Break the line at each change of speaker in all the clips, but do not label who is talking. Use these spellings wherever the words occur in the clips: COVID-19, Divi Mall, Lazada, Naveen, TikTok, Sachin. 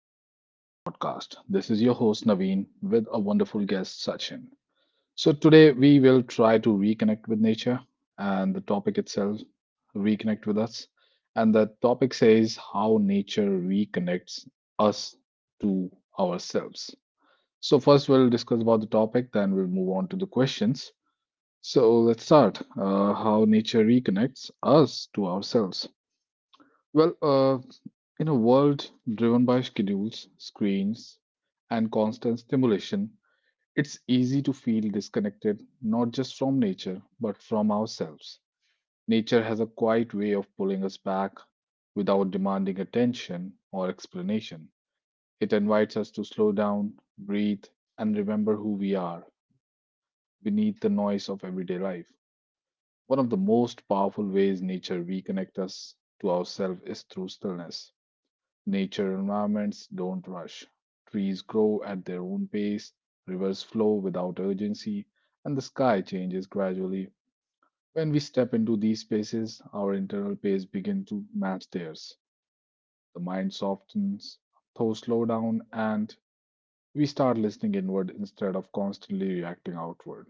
back to another podcast. This is your host, Naveen, with a wonderful guest, Sachin. So, today we will try to reconnect with nature and the topic itself, reconnect with us. And the topic says how nature reconnects us to ourselves. So, first we'll discuss about the topic, then we'll move on to the questions. So, let's start how nature reconnects us to ourselves. Well, uh, in a world driven by schedules, screens, and constant stimulation, it's easy to feel disconnected not just from nature, but from ourselves. Nature has a quiet way of pulling us back without demanding attention or explanation. It invites us to slow down, breathe, and remember who we are beneath the noise of everyday life. One of the most powerful ways nature reconnects us to ourselves is through stillness. Nature environments don't rush. Trees grow at their own pace, rivers flow without urgency, and the sky changes gradually. When we step into these spaces, our internal pace begins to match theirs. The mind softens, thoughts slow down, and we start listening inward instead of constantly reacting outward.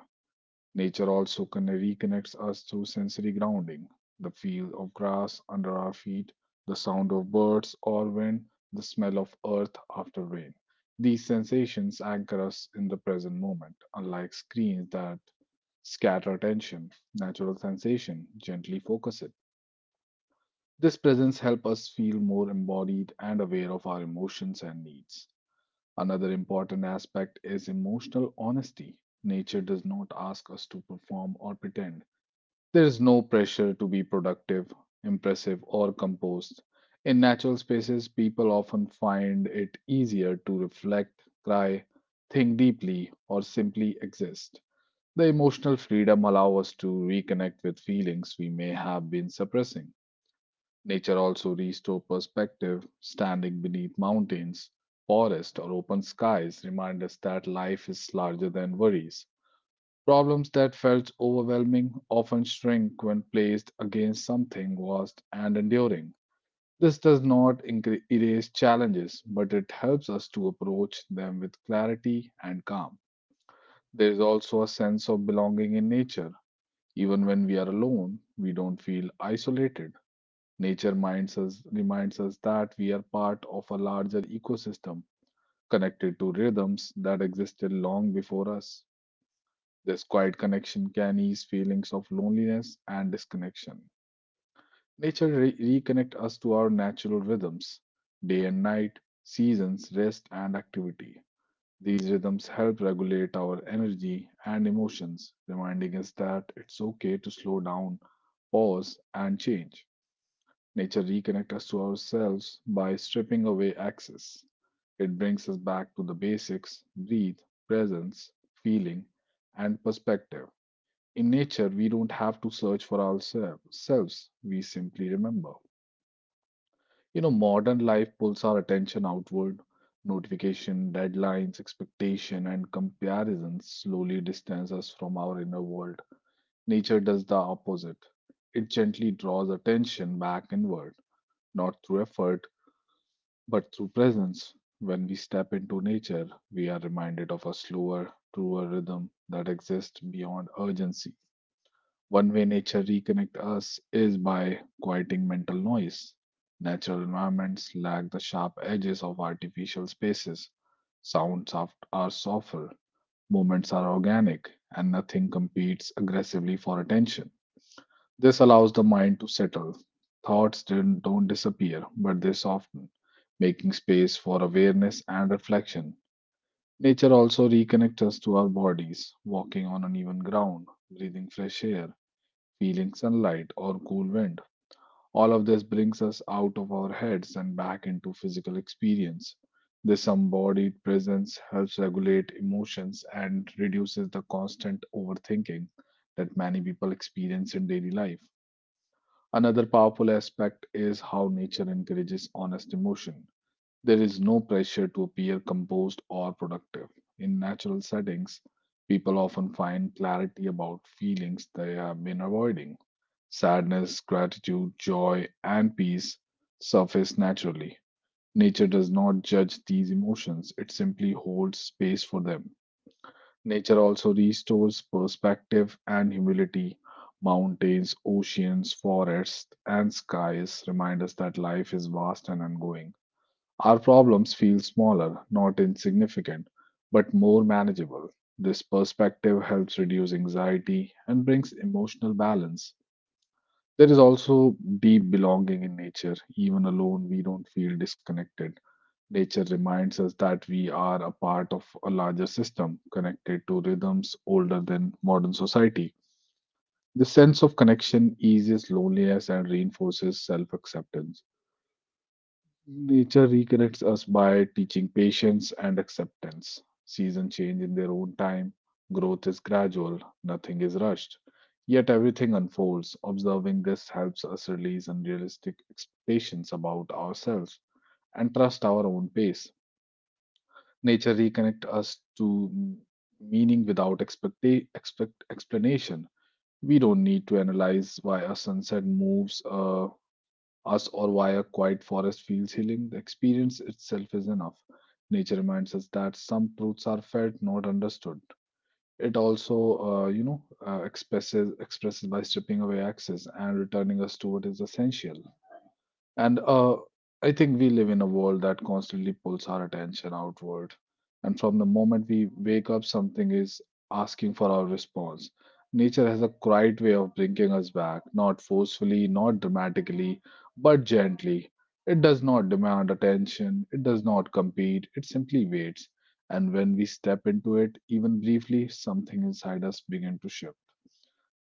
Nature also reconnects us through sensory grounding, the feel of grass under our feet, the sound of birds or wind, the smell of earth after rain. These sensations anchor us in the present moment, unlike screens that scatter attention. Natural sensation gently focus it. This presence helps us feel more embodied and aware of our emotions and needs. Another important aspect is emotional honesty. Nature does not ask us to perform or pretend there is no pressure to be productive, impressive, or composed. In natural spaces, people often find it easier to reflect, cry, think deeply, or simply exist. The emotional freedom allows us to reconnect with feelings we may have been suppressing. Nature also restores perspective. Standing beneath mountains, forests, or open skies remind us that life is larger than worries. Problems that felt overwhelming often shrink when placed against something vast and enduring. This does not erase challenges, but it helps us to approach them with clarity and calm. There is also a sense of belonging in nature. Even when we are alone, we don't feel isolated. Nature minds us, reminds us that we are part of a larger ecosystem connected to rhythms that existed long before us. This quiet connection can ease feelings of loneliness and disconnection. Nature reconnect us to our natural rhythms, day and night, seasons, rest and activity. These rhythms help regulate our energy and emotions, reminding us that it's okay to slow down, pause and change. Nature reconnects us to ourselves by stripping away excess. It brings us back to the basics, breathe, presence, feeling and perspective. In nature, we don't have to search for ourselves, we simply remember. You know, modern life pulls our attention outward. Notification, deadlines, expectation, and comparisons slowly distance us from our inner world. Nature does the opposite. It gently draws attention back inward, not through effort, but through presence. When we step into nature, we are reminded of a slower, truer rhythm that exists beyond urgency. One way nature reconnects us is by quieting mental noise. Natural environments lack the sharp edges of artificial spaces. Sounds are softer, movements are organic, and nothing competes aggressively for attention. This allows the mind to settle. Thoughts don't disappear, but they soften, making space for awareness and reflection. Nature also reconnects us to our bodies, walking on uneven ground, breathing fresh air, feeling sunlight or cool wind. All of this brings us out of our heads and back into physical experience. This embodied presence helps regulate emotions and reduces the constant overthinking that many people experience in daily life. Another powerful aspect is how nature encourages honest emotion. There is no pressure to appear composed or productive. In natural settings, people often find clarity about feelings they have been avoiding. Sadness, gratitude, joy, and peace surface naturally. Nature does not judge these emotions, it simply holds space for them. Nature also restores perspective and humility. Mountains, oceans, forests, and skies remind us that life is vast and ongoing. Our problems feel smaller, not insignificant, but more manageable. This perspective helps reduce anxiety and brings emotional balance. There is also deep belonging in nature. Even alone, we don't feel disconnected. Nature reminds us that we are a part of a larger system connected to rhythms older than modern society. The sense of connection eases loneliness and reinforces self acceptance. Nature reconnects us by teaching patience and acceptance. Seasons change in their own time. Growth is gradual, nothing is rushed. Yet everything unfolds. Observing this helps us release unrealistic expectations about ourselves and trust our own pace. Nature reconnects us to meaning without explanation. We don't need to analyze why a sunset moves, us or via quiet forest fields healing, the experience itself is enough. Nature reminds us that some truths are felt, not understood. It also, expresses by stripping away access and returning us to what is essential. And I think we live in a world that constantly pulls our attention outward. And from the moment we wake up, something is asking for our response. Nature has a quiet way of bringing us back, not forcefully, not dramatically, but gently. It does not demand attention, it does not compete, it simply waits. And when we step into it, even briefly, something inside us begins to shift.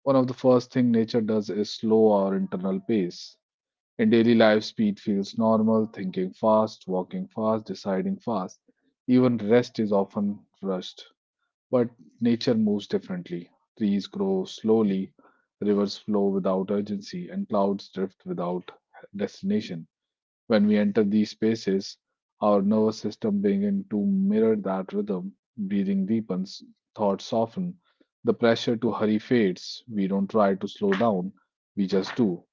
One of the first thing nature does is slow our internal pace. In daily life, speed feels normal, thinking fast, walking fast, deciding fast. Even rest is often rushed. But nature moves differently. Trees grow slowly, rivers flow without urgency, and clouds drift without destination. When we enter these spaces, our nervous system begins to mirror that rhythm. Breathing deepens, thoughts soften, the pressure to hurry fades. We don't try to slow down, we just do.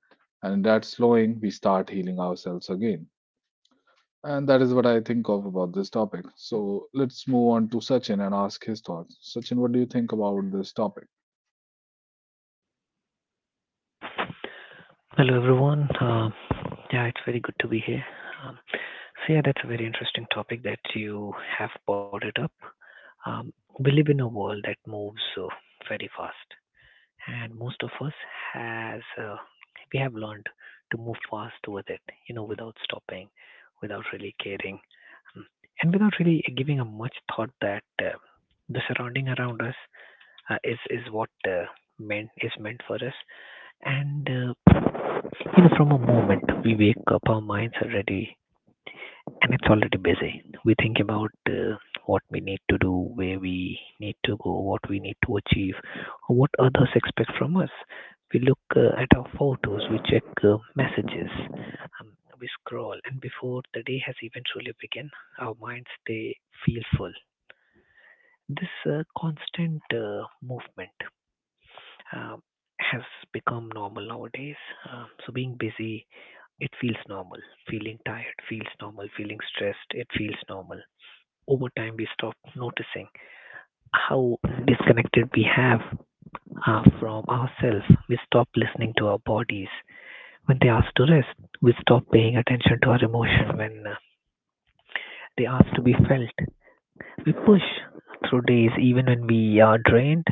And in that slowing, we start healing ourselves again. And that is what I think of about this topic. So let's move on to Sachin and ask his thoughts. Sachin, what do you think about this topic?
Hello, everyone. Yeah, it's very good to be here. Um, so, yeah, that's a very interesting topic that you have brought it up. Um, we live in a world that moves very fast, and most of us has we have learned to move fast with it, without stopping, without really caring, um, and without really giving a much thought that the surrounding around us is what meant for us, and from a moment we wake up, our minds are ready and it's already busy. We think about what we need to do, where we need to go, what we need to achieve, or what others expect from us. We look at our photos, we check messages, we scroll, and before the day has even truly begun, our minds they feel full. This constant movement uh, has become normal nowadays. So being busy it feels normal. Feeling tired feels normal. Feeling stressed, it feels normal. Over time, we stop noticing how disconnected we have from ourselves. We stop listening to our bodies when they ask to rest. We stop paying attention to our emotion when they ask to be felt. We push through days even when we are drained,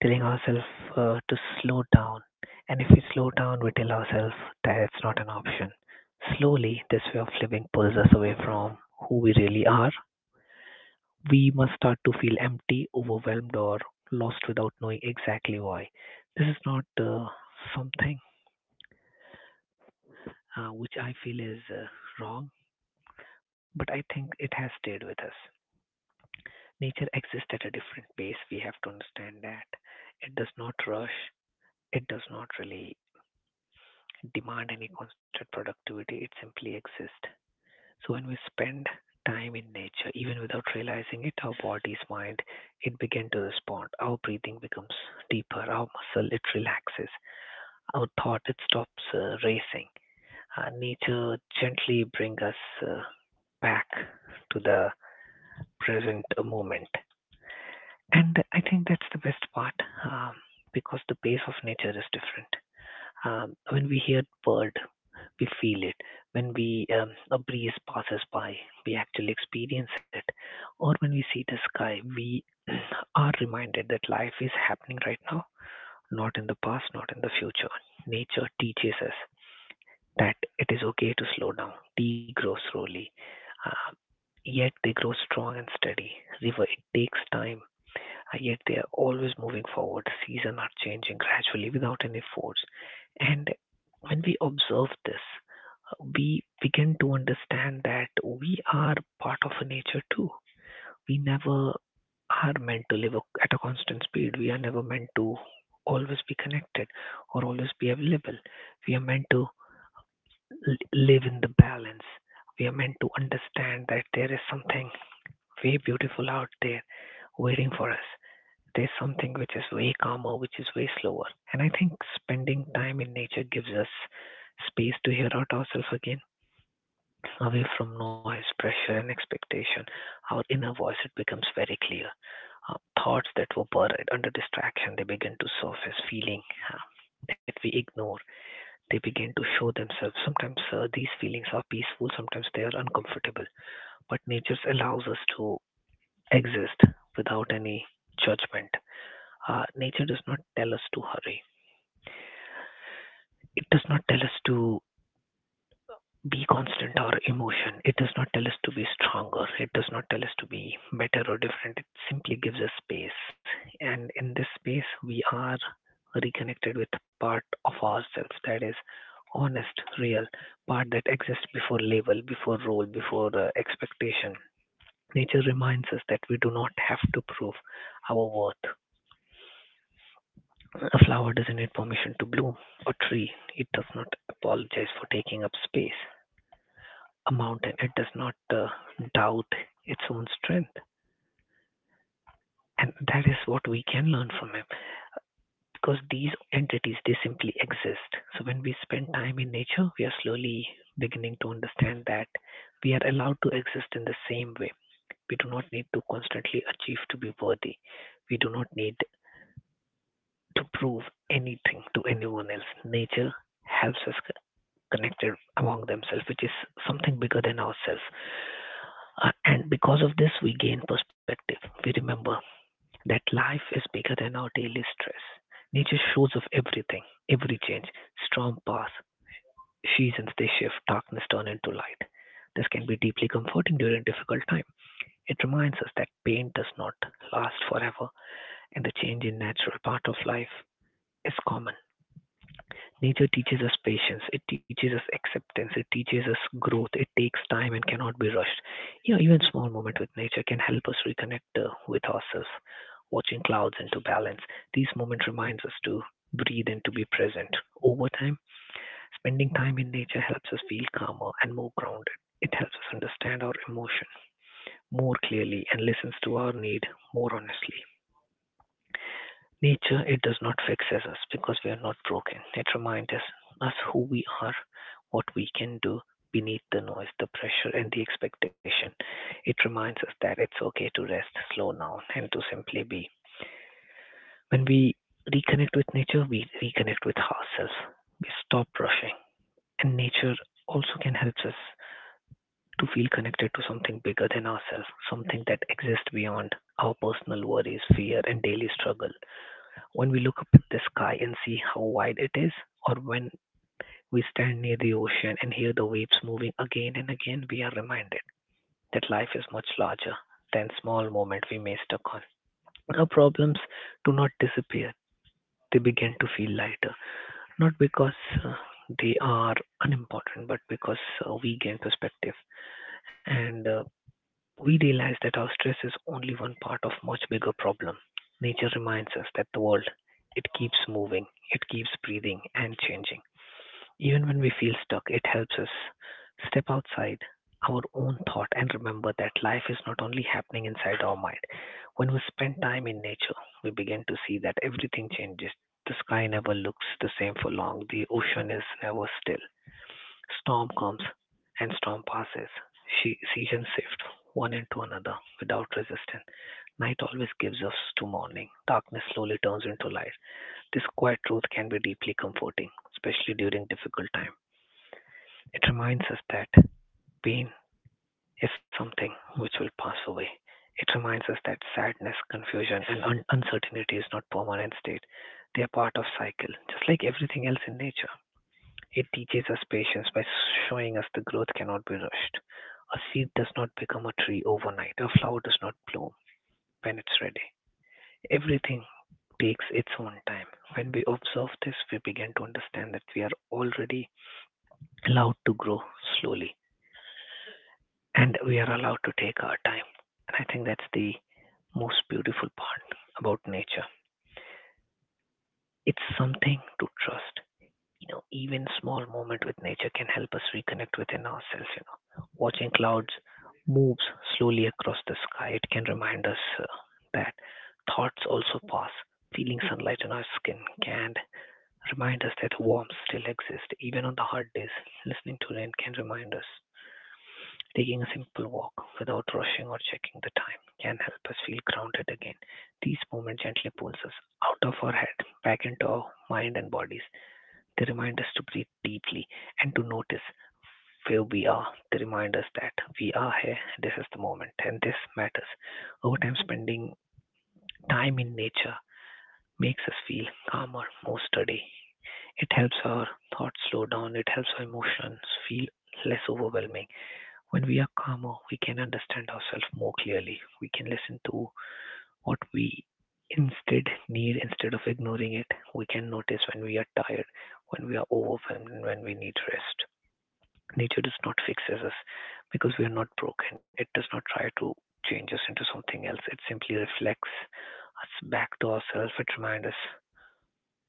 telling ourselves to slow down. And if we slow down, we tell ourselves that it's not an option. Slowly, this way of living pulls us away from who we really are. We must start to feel empty, overwhelmed, or lost without knowing exactly why. This is not something which I feel is wrong, but I think it has stayed with us. Nature exists at a different pace. We have to understand that it does not rush, it does not really demand any constant productivity, it simply exists. So when we spend time in nature, even without realizing it, our body's mind, it begins to respond. Our breathing becomes deeper, our muscle, it relaxes, our thought, it stops racing. Nature gently brings us back to the present moment. And I think that's the best part um, because the pace of nature is different. When we hear bird, we feel it when we a breeze passes by. We actually experience it, or when we see the sky, we are reminded that life is happening right now, not in the past, not in the future. Nature teaches us that it is okay to slow down, degrow slowly, uh, yet they grow strong and steady. River, it takes time yet they are always moving forward. Seasons are changing gradually without any force. And when we observe this, we begin to understand that we are part of nature too. We never are meant to live at a constant speed. We are never meant to always be connected or always be available. We are meant to live in the balance. We are meant to understand that there is something way beautiful out there waiting for us. There's something which is way calmer, which is way slower. And I think spending time in nature gives us space to hear out ourselves again, away from noise, pressure, and expectation. Our inner voice it becomes very clear. Thoughts that were buried under distraction they begin to surface. Feeling uh, that we ignore they begin to show themselves. Sometimes these feelings are peaceful, sometimes they are uncomfortable. But nature allows us to exist without any judgment. Nature does not tell us to hurry. It does not tell us to be constant or emotion. It does not tell us to be stronger. It does not tell us to be better or different. It simply gives us space. And in this space, we are reconnected with part of ourselves that is honest, real, part that exists before label, before role, before expectation. Nature reminds us that we do not have to prove our worth. A flower doesn't need permission to bloom. A tree, it does not apologize for taking up space. A mountain, it does not doubt its own strength. And that is what we can learn from him because these entities, they simply exist. So when we spend time in nature, we are slowly beginning to understand that we are allowed to exist in the same way. We do not need to constantly achieve to be worthy. We do not need to prove anything to anyone else. Nature helps us connected among themselves, which is something bigger than ourselves. And because of this, we gain perspective. We remember that life is bigger than our daily stress. Nature shows of everything, every change, storm pass, seasons they shift, darkness turn into light. This can be deeply comforting during difficult time. It reminds us that pain does not last forever, and the change in natural part of life is common. Nature teaches us patience, it teaches us acceptance, it teaches us growth. It takes time and cannot be rushed. You know, even small moment with nature can help us reconnect with ourselves. Watching clouds into balance. These moments reminds us to breathe and to be present. Over time, spending time in nature helps us feel calmer and more grounded. It helps us understand our emotion more clearly and listens to our need more honestly. Nature, it does not fix us because we are not broken. It reminds us, us who we are, what we can do beneath the noise, the pressure, and the expectation. It reminds us that it's okay to rest, slow down, and to simply be. When we reconnect with nature, we reconnect with ourselves. We stop rushing. And nature also can help us to feel connected to something bigger than ourselves, something that exists beyond our personal worries, fear, and daily struggle. When we look up at the sky and see how wide it is, or when we stand near the ocean and hear the waves moving again and again, we are reminded that life is much larger than small moments we may stuck on. Our problems do not disappear, they begin to feel lighter, not because uh, they are unimportant, but because we gain perspective. And We realize that our stress is only one part of much bigger problem. Nature reminds us that the world, it keeps moving, it keeps breathing and changing. Even when we feel stuck, it helps us step outside our own thought and remember that life is not only happening inside our mind. When we spend time in nature, we begin to see that everything changes. The sky never looks the same for long, the ocean is never still, storm comes and storm passes. She seasons shift one into another without resistance. Night always gives us to morning. Darkness slowly turns into light. This quiet truth can be deeply comforting, especially during difficult time. It reminds us that pain is something which will pass away. It reminds us that sadness, confusion, and uncertainty is not permanent state. They are part of cycle, just like everything else in nature. It teaches us patience by showing us the growth cannot be rushed. A seed does not become a tree overnight. A flower does not bloom when it's ready. Everything takes its own time. When we observe this, we begin to understand that we are already allowed to grow slowly and we are allowed to take our time. And I think that's the most beautiful part about nature. It's something to trust. You know, even small moment with nature can help us reconnect within ourselves, you know. Watching clouds moves slowly across the sky, it can remind us that thoughts also pass. Feeling sunlight on our skin can remind us that warmth still exists even on the hard days. Listening to rain can remind us. Taking a simple walk without rushing or checking the time can help us feel grounded again. These moments gently pulls us out of our head, back into our mind and bodies. They remind us to breathe deeply and to notice where we are. They remind us that we are here, this is the moment, and this matters. Over time, spending time in nature makes us feel calmer, more steady. It helps our thoughts slow down, it helps our emotions feel less overwhelming. When we are calmer, we can understand ourselves more clearly. We can listen to what we instead need, instead of ignoring it, we can notice when we are tired, when we are overwhelmed, and when we need rest. Nature does not fix us because we are not broken. It does not try to change us into something else. It simply reflects us back to ourselves. It reminds us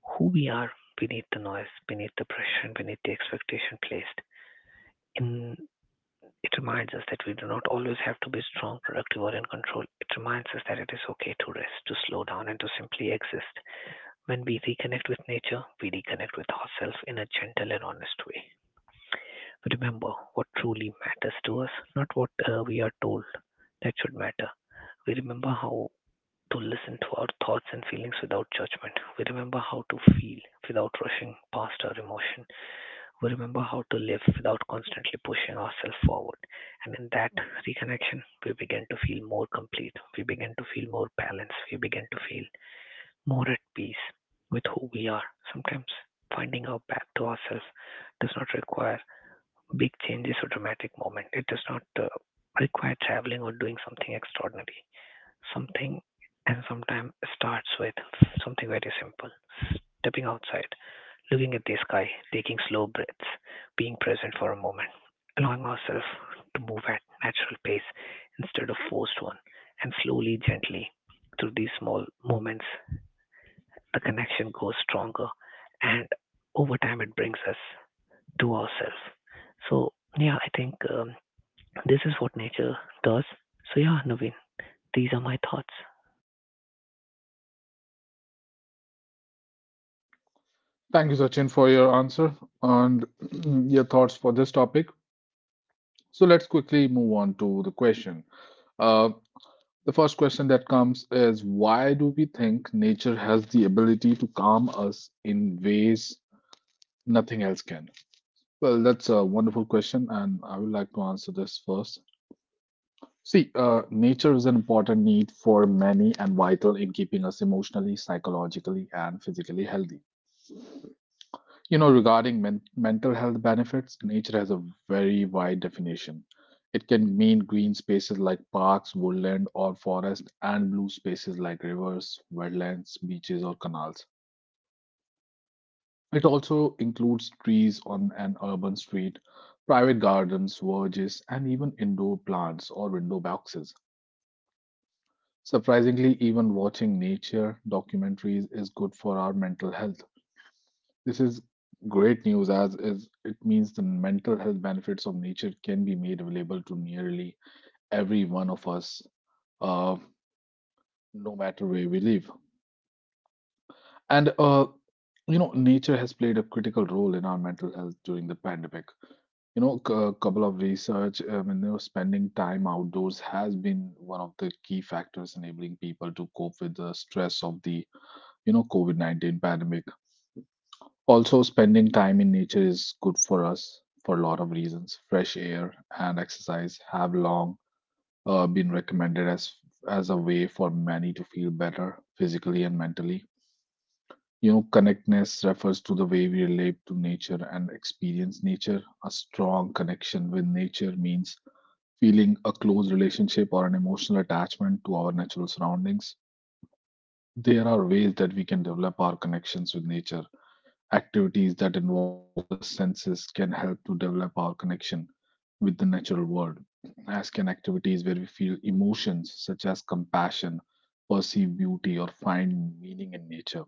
who we are beneath the noise, beneath the pressure, and beneath the expectation placed. In it reminds us that we do not always have to be strong, productive, or in control. It reminds us that it is okay to rest, to slow down, and to simply exist. When we reconnect with nature, we reconnect with ourselves in a gentle and honest way. Remember what truly matters to us, not what we are told that should matter. We remember how to listen to our thoughts and feelings without judgment. We remember how to feel without rushing past our emotion. We remember how to live without constantly pushing ourselves forward. And in that reconnection, we begin to feel more complete. We begin to feel more balanced. We begin to feel more at peace with who we are. Sometimes finding our path to ourselves does not require big changes or dramatic moment. It does not require traveling or doing something extraordinary. Something and sometimes starts with something very simple. Stepping outside, looking at the sky, taking slow breaths, being present for a moment, allowing ourselves to move at natural pace instead of forced one, and slowly, gently through these small moments the connection grows stronger and over time it brings us to ourselves. So, yeah, I think this is what nature does. So, yeah, Naveen, these are my thoughts.
Thank you, Sachin, for your answer and your thoughts for this topic. So let's quickly move on to the question. Uh, The first question that comes is why do we think nature has the ability to calm us in ways nothing else can? Well, that's a wonderful question, and I would like to answer this first. See, nature is an important need for many and vital in keeping us emotionally, psychologically, and physically healthy. You know, regarding men mental health benefits, nature has a very wide definition. It can mean green spaces like parks, woodland, or forest, and blue spaces like rivers, wetlands, beaches, or canals. It also includes trees on an urban street, private gardens, verges, and even indoor plants or window boxes. Surprisingly, even watching nature documentaries is good for our mental health. This is great news as is it means the mental health benefits of nature can be made available to nearly every one of us, uh, no matter where we live. And you know, nature has played a critical role in our mental health during the pandemic. You know, a couple of research, I mean, you know, spending time outdoors has been one of the key factors enabling people to cope with the stress of the, you know, COVID-19 pandemic. Also, spending time in nature is good for us for a lot of reasons. Fresh air and exercise have long been recommended as a way for many to feel better physically and mentally. You know, connectness refers to the way we relate to nature and experience nature. A strong connection with nature means feeling a close relationship or an emotional attachment to our natural surroundings. There are ways that we can develop our connections with nature. Activities that involve the senses can help to develop our connection with the natural world, as can activities where we feel emotions such as compassion, perceive beauty, or find meaning in nature.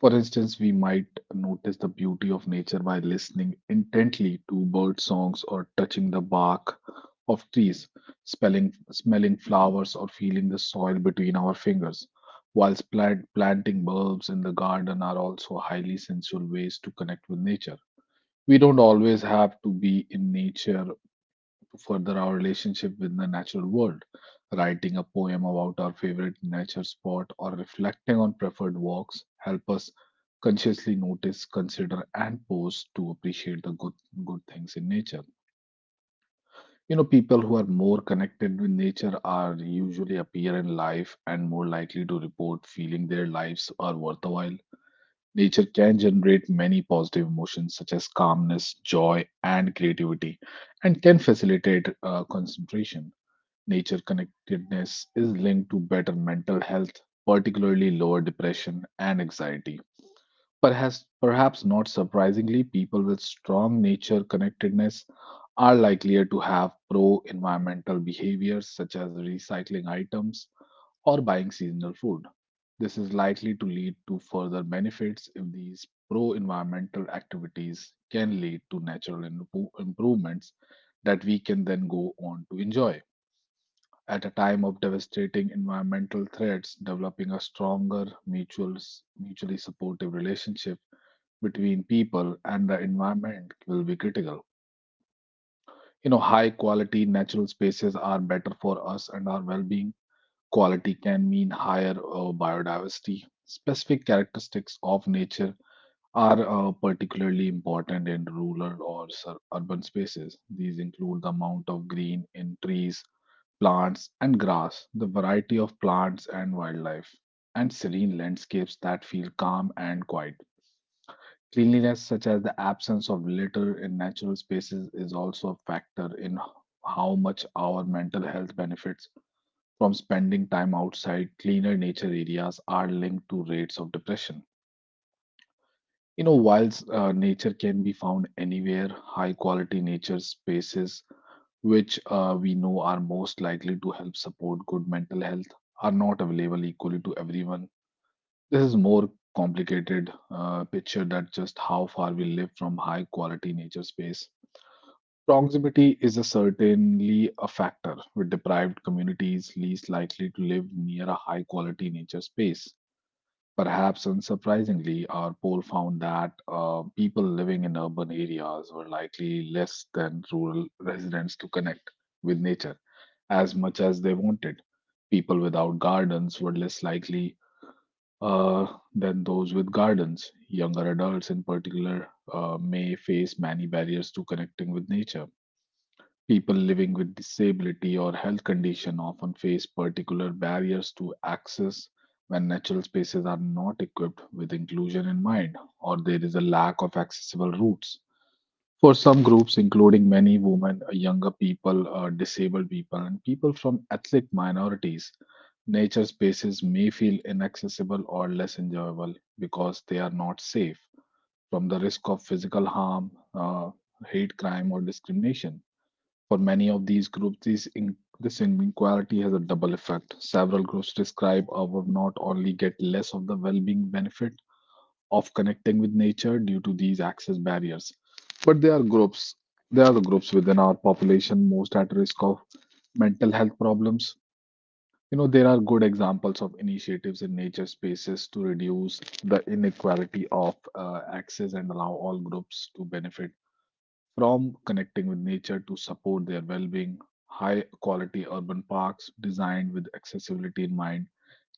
For instance, we might notice the beauty of nature by listening intently to bird songs or touching the bark of trees, smelling flowers, or feeling the soil between our fingers. Whilst planting bulbs in the garden are also highly sensual ways to connect with nature. We don't always have to be in nature further our relationship with the natural world. Writing a poem about our favorite nature spot or reflecting on preferred walks help us consciously notice, consider, and pause to appreciate the good things in nature. You know, people who are more connected with nature are usually appear in life and more likely to report feeling their lives are worthwhile. Nature can generate many positive emotions such as calmness, joy, and creativity, and can facilitate concentration. Nature connectedness is linked to better mental health, particularly lower depression and anxiety. Perhaps not surprisingly, people with strong nature connectedness are likelier to have pro environmental behaviors such as recycling items or buying seasonal food. This is likely to lead to further benefits if these pro environmental activities can lead to natural improvements that we can then go on to enjoy. At a time of devastating environmental threats, developing a stronger, mutually supportive relationship between people and the environment will be critical. You know, high quality natural spaces are better for us and our well being. Quality can mean higher biodiversity. Specific characteristics of nature are particularly important in rural or urban spaces. These include the amount of green in trees, plants and grass, the variety of plants and wildlife, and serene landscapes that feel calm and quiet. Cleanliness, such as the absence of litter in natural spaces, is also a factor in how much our mental health benefits from spending time outside. Cleaner nature areas are linked to rates of depression. You know, whilst nature can be found anywhere, high quality nature spaces which we know are most likely to help support good mental health, are not available equally to everyone. This is more complicated picture that just how far we live from high quality nature space. Proximity is a certainly a factor, with deprived communities least likely to live near a high quality nature space. Perhaps unsurprisingly, our poll found that people living in urban areas were likely less than rural residents to connect with nature as much as they wanted. People without gardens were less likely uh, than those with gardens. Younger adults, in particular, may face many barriers to connecting with nature. People living with disability or health condition often face particular barriers to access when natural spaces are not equipped with inclusion in mind or there is a lack of accessible routes. For some groups, including many women, younger people, disabled people, and people from ethnic minorities, nature spaces may feel inaccessible or less enjoyable because they are not safe from the risk of physical harm, hate crime, or discrimination. For many of these groups, this inequality has a double effect. Several groups describe or would not only get less of the well being benefit of connecting with nature due to these access barriers. But there are the groups within our population most at risk of mental health problems. You know, there are good examples of initiatives in nature spaces to reduce the inequality of access and allow all groups to benefit from connecting with nature to support their well being. High quality urban parks designed with accessibility in mind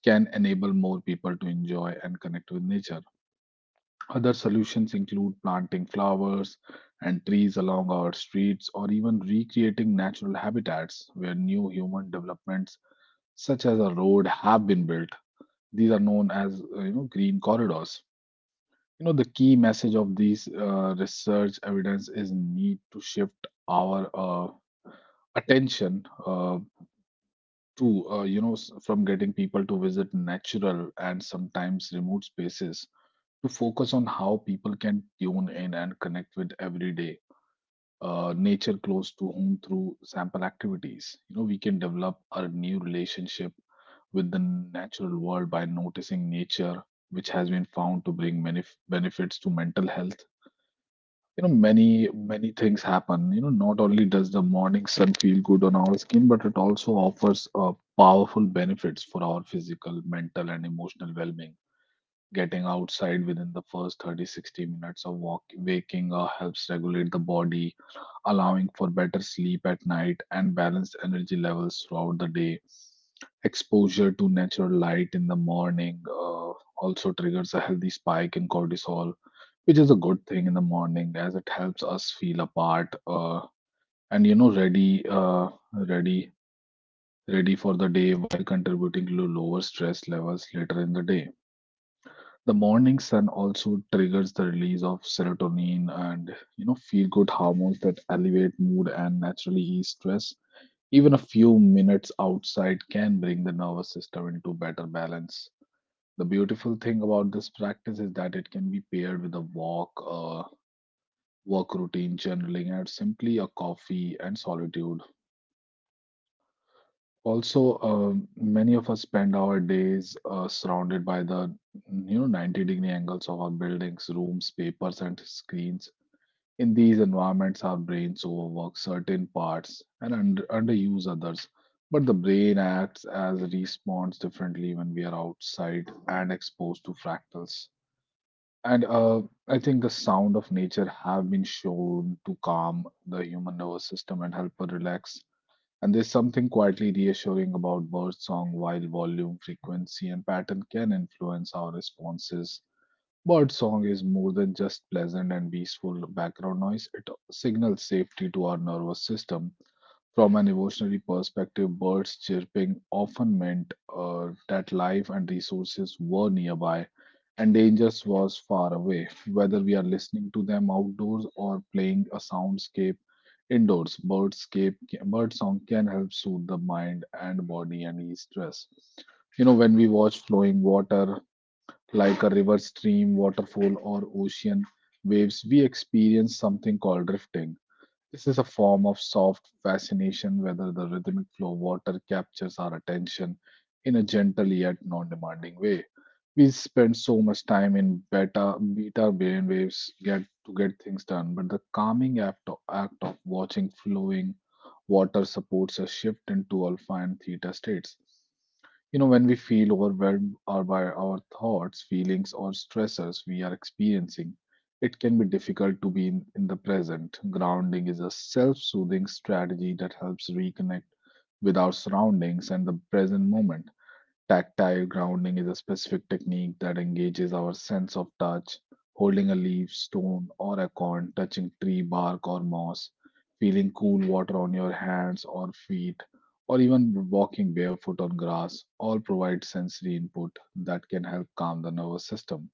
can enable more people to enjoy and connect with nature. Other solutions include planting flowers and trees along our streets or even recreating natural habitats where new human developments such as a road have been built. These are known as you know green corridors. You know, the key message of these research evidence is need to shift our attention to you know s- from getting people to visit natural and sometimes remote spaces to focus on how people can tune in and connect with everyday nature close to home through sample activities. You know, we can develop a new relationship with the natural world by noticing nature, which has been found to bring many benefits to mental health. You know, many things happen. You know, not only does the morning sun feel good on our skin, but it also offers powerful benefits for our physical, mental, and emotional well being. Getting outside within the first 30 60 minutes of walk, waking helps regulate the body, allowing for better sleep at night and balanced energy levels throughout the day. Exposure to natural light in the morning also triggers a healthy spike in cortisol, which is a good thing in the morning as it helps us feel apart and ready ready for the day, while contributing to lower stress levels later in the day. The morning sun also triggers the release of serotonin and you know feel-good hormones that elevate mood and naturally ease stress. Even a few minutes outside can bring the nervous system into better balance. The beautiful thing about this practice is that it can be paired with a walk, a work routine, journaling, and simply a coffee and solitude. Also, many of us spend our days surrounded by the you know 90-degree angles of our buildings, rooms, papers, and screens. In these environments, our brains overwork certain parts and underuse others. But the brain acts as responds differently when we are outside and exposed to fractals. And I think the sound of nature have been shown to calm the human nervous system and help us relax, and there's something quietly reassuring about birdsong, while volume, frequency, and pattern can influence our responses. Birdsong is more than just pleasant and peaceful background noise, it signals safety to our nervous system. From an evolutionary perspective, birds chirping often meant that life and resources were nearby and danger was far away. Whether we are listening to them outdoors or playing a soundscape, indoors, birdsong can help soothe the mind and body and ease stress. You know, when we watch flowing water like a river, stream, waterfall, or ocean waves, we experience something called drifting. This is a form of soft fascination, whether the rhythmic flow of water captures our attention in a gentle yet non demanding way. We spend so much time in beta brain waves get things done, but the calming act of watching flowing water supports a shift into alpha and theta states. You know, when we feel overwhelmed or by our thoughts, feelings, or stressors we are experiencing, it can be difficult to be in the present. Grounding is a self soothing strategy that helps reconnect with our surroundings and the present moment. Tactile grounding is a specific technique that engages our sense of touch, holding a leaf, stone, or a coin, touching tree bark or moss, feeling cool water on your hands or feet, or even walking barefoot on grass, all provide sensory input that can help calm the nervous system.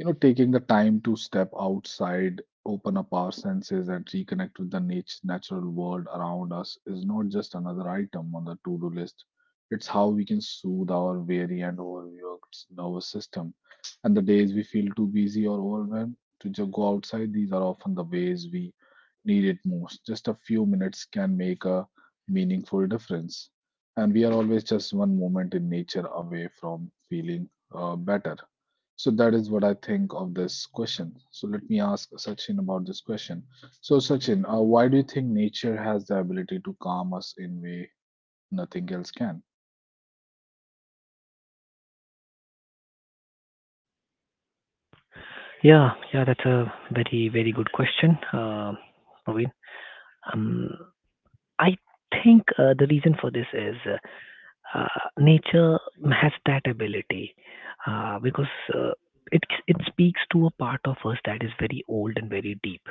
You know, taking the time to step outside, open up our senses, and reconnect with the natural world around us is not just another item on the to do list. It's how we can soothe our weary and overworked nervous system. And the days we feel too busy or overwhelmed to just go outside, these are often the ways we need it most. Just a few minutes can make a meaningful difference. And we are always just one moment in nature away from feeling better. So that is what I think of this question. So let me ask Sachin about this question. So Sachin, why do you think nature has the ability to calm us in way nothing else can?
Yeah, yeah, that's a very, very good question, Naveen. Um, I think the reason for this is nature has that ability because uh, it speaks to a part of us that is very old and very deep.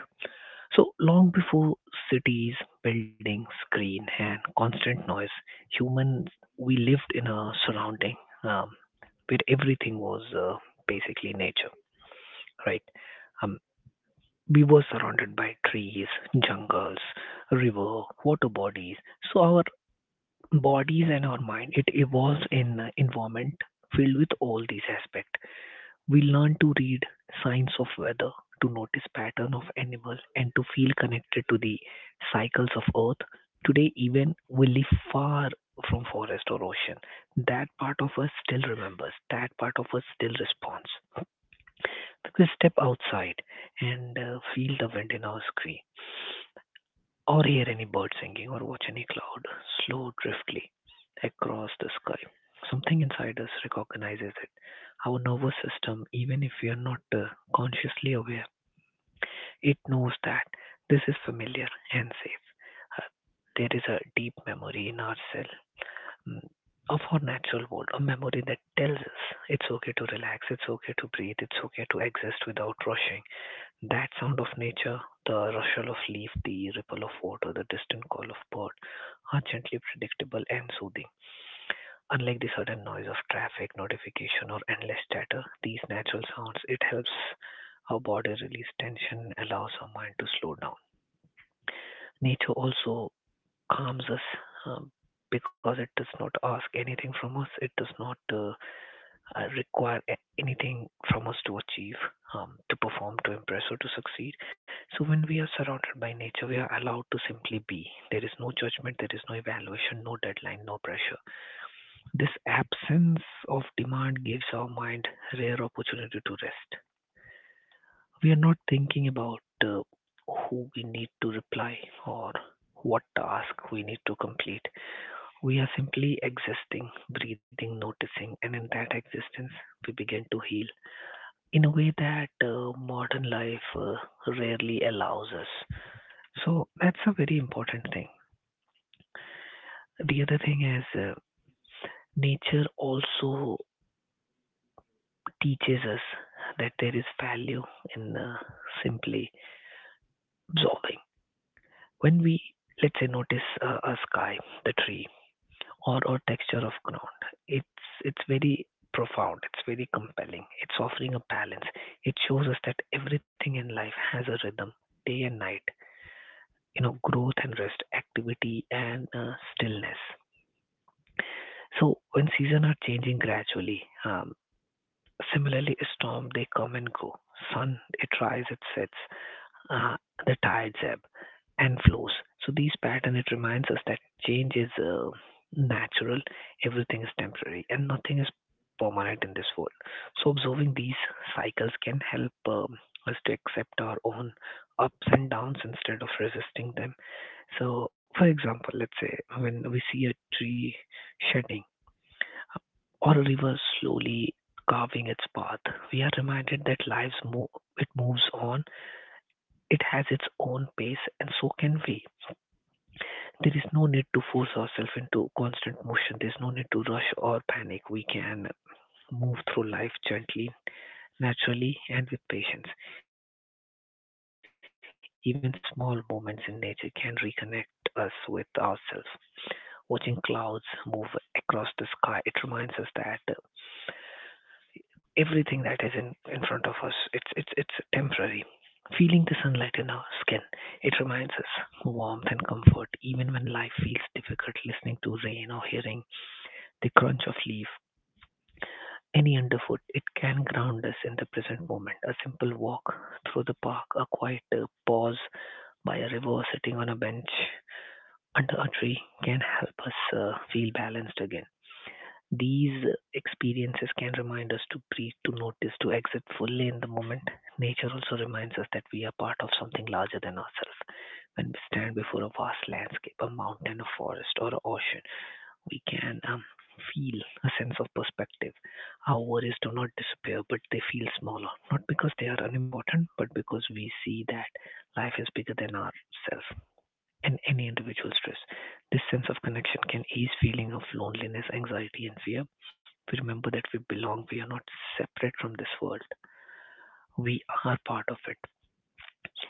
So long before cities, buildings, screen, and constant noise, humans we lived in a surrounding um, where everything was basically nature, right? Um, we were surrounded by trees, jungles, river, water bodies. So our bodies and our mind it evolves in an environment filled with all these aspects. We learn to read signs of weather, to notice pattern of animal and to feel connected to the cycles of earth. Today even we live far from forest or ocean. That part of us still remembers, that part of us still responds. We step outside and feel the wind in our skin or hear any bird singing or watch any cloud slow driftly across the sky. Something inside us recognizes it. Our nervous system, even if we are not consciously aware, it knows that this is familiar and safe. Uh, there is a deep memory in our cell mm, of our natural world, a memory that tells us it's okay to relax, it's okay to breathe, it's okay to exist without rushing. That sound of nature, the rustle of leaf, the ripple of water, the distant call of bird, are gently predictable and soothing. Unlike the sudden noise of traffic, notification, or endless chatter, these natural sounds it helps our body release tension, allows our mind to slow down. Nature also calms us um, because it does not ask anything from us. It does not require anything from us to achieve, to perform, to impress, or to succeed. So when we are surrounded by nature, we are allowed to simply be. There is no judgment, there is no evaluation, no deadline, no pressure. This absence of demand gives our mind rare opportunity to rest. We are not thinking about who we need to reply or what task we need to complete. We are simply existing, breathing, noticing, and in that existence, we begin to heal in a way that modern life rarely allows us. So that's a very important thing. The other thing is nature also teaches us that there is value in simply observing. When we, let's say, notice a sky, the tree, or texture of ground, it's it's very profound. It's very compelling. It's offering a balance. It shows us that everything in life has a rhythm, day and night. You know, growth and rest, activity and stillness. So when seasons are changing gradually, um, similarly a storm they come and go. Sun it rises, it sets uh, the tired zeb, and flows. So these pattern it reminds us that change is natural, everything is temporary, and nothing is permanent in this world. So observing these cycles can help us to accept our own ups and downs instead of resisting them. So, for example, let's say when we see a tree shedding or a river slowly carving its path, we are reminded that lives move, it moves on it has its own pace and so can we. There is no need to force ourselves into constant motion. There's no need to rush or panic. We can move through life gently, naturally, and with patience. Even small moments in nature can reconnect us with ourselves. Watching clouds move across the sky, it reminds us that throughout, you know, everything that is in front of us. It's temporary. Feeling the sunlight in our skin, it reminds us warmth and comfort, even when life feels difficult, listening to rain or hearing the crunch of leaf, any underfoot, it can ground us in the present moment. A simple walk through the park, a quiet pause by a river, sitting on a bench under a tree can help us feel balanced again. These experiences can remind us to breathe, to notice, to exist fully in the moment. Nature also reminds us that we are part of something larger than ourselves. When we stand before a vast landscape, a mountain, a forest, or an ocean, we can feel a sense of perspective. Our worries do not disappear, but they feel smaller, not because they are unimportant, but because we see that life is bigger than ourselves. And any individual stress. This sense of connection can ease feeling of loneliness, anxiety, and fear. We remember that we belong, we are not separate from this world, we are part of it.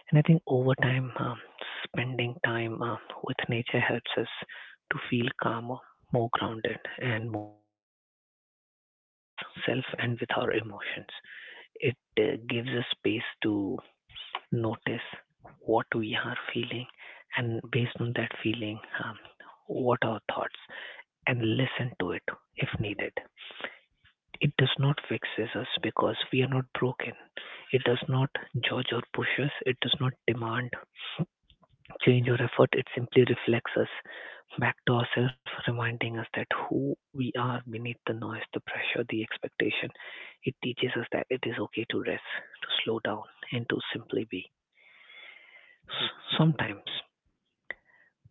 And I think over time, spending time with nature helps us to feel calmer, more grounded, and more in tune with ourselves and with our emotions. It gives us space to notice what we are feeling, and based on that feeling, what are our thoughts, and listen to it if needed. It does not fixes us because we are not broken. It does not judge or push us. It does not demand change or effort. It simply reflects us back to ourselves, reminding us that who we are beneath the noise, the pressure, the expectation. It teaches us that it is okay to rest, to slow down, and to simply be. Sometimes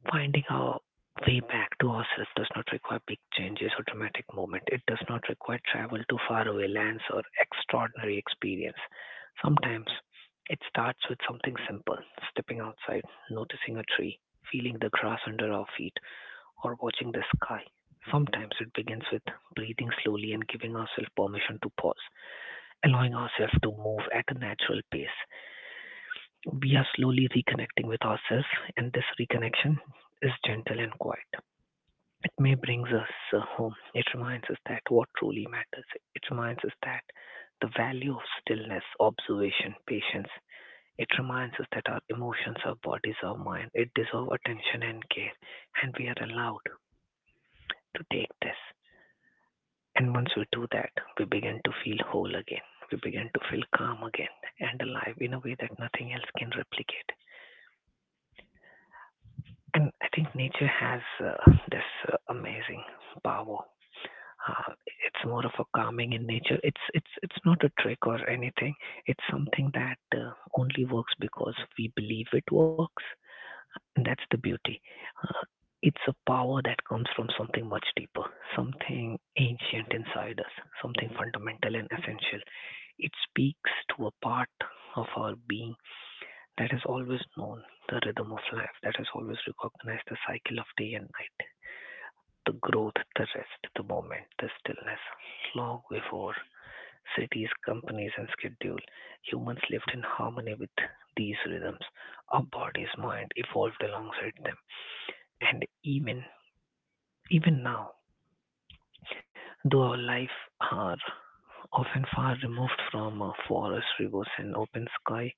finding our way back to ourselves does not require big changes or dramatic movement. It does not require travel to faraway lands or extraordinary experience. Sometimes it starts with something simple stepping outside, noticing a tree, feeling the grass under our feet, or watching the sky. Sometimes it begins with breathing slowly and giving ourselves permission to pause, allowing ourselves to move at a natural pace. We are slowly reconnecting with ourselves, and this reconnection is gentle and quiet. It may brings us home. It reminds us that what truly matters. It reminds us that the value of stillness, observation, patience. It reminds us that our emotions, our bodies, our mind, it deserve attention and care, and we are allowed to take this. And once we do that, we begin to feel whole again. We begin to feel calm again and alive in a way that nothing else can replicate. And I think nature has this amazing power. Uh, it's more of a calming in nature. It's not a trick or anything. It's something that only works because we believe it works. And that's the beauty. Uh, it's a power that comes from something much deeper, something ancient inside us, something fundamental and essential. It speaks to a part of our being that has always known the rhythm of life, that has always recognized the cycle of day and night, the growth, the rest, the moment, the stillness. Long before cities, companies, and schedule, humans lived in harmony with these rhythms. Our bodies, mind evolved alongside them. And even now, though our life, our often far removed from forests, rivers, and open sky,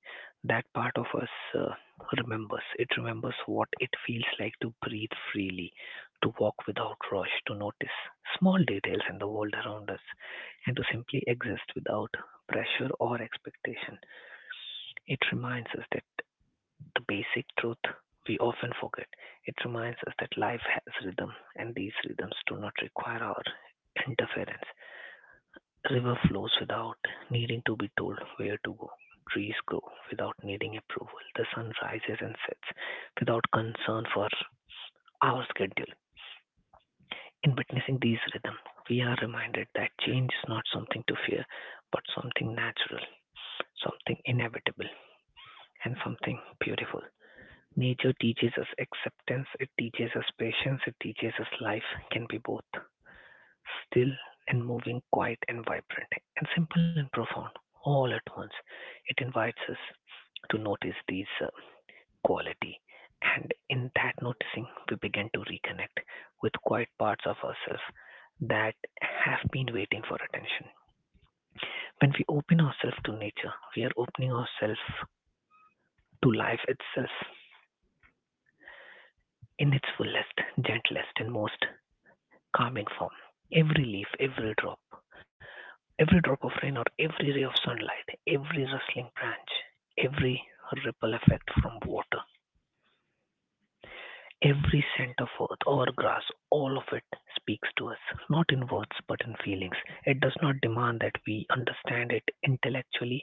that part of us remembers. It remembers what it feels like to breathe freely, to walk without rush, to notice small details in the world around us, and to simply exist without pressure or expectation. It reminds us that the basic truth we often forget. It reminds us that life has rhythm, and these rhythms do not require our interference river flows without needing to be told where to go. Trees grow without needing approval. The sun rises and sets without concern for our schedule. In witnessing these rhythms, we are reminded that change is not something to fear, but something natural, something inevitable, and something beautiful. Nature teaches us acceptance, it teaches us patience, it teaches us life can be both still and moving, quiet and vibrant, and simple and profound all at once. It invites us to notice these quality, and in that noticing, we begin to reconnect with quiet parts of ourselves that have been waiting for attention. When we open ourselves to nature, we are opening ourselves to life itself in its fullest, gentlest, and most calming form. Every leaf, every drop, every drop of rain or every ray of sunlight, every rustling branch, every ripple effect from water, every scent of earth or grass, all of it speaks to us, not in words but in feelings. It does not demand that we understand it intellectually.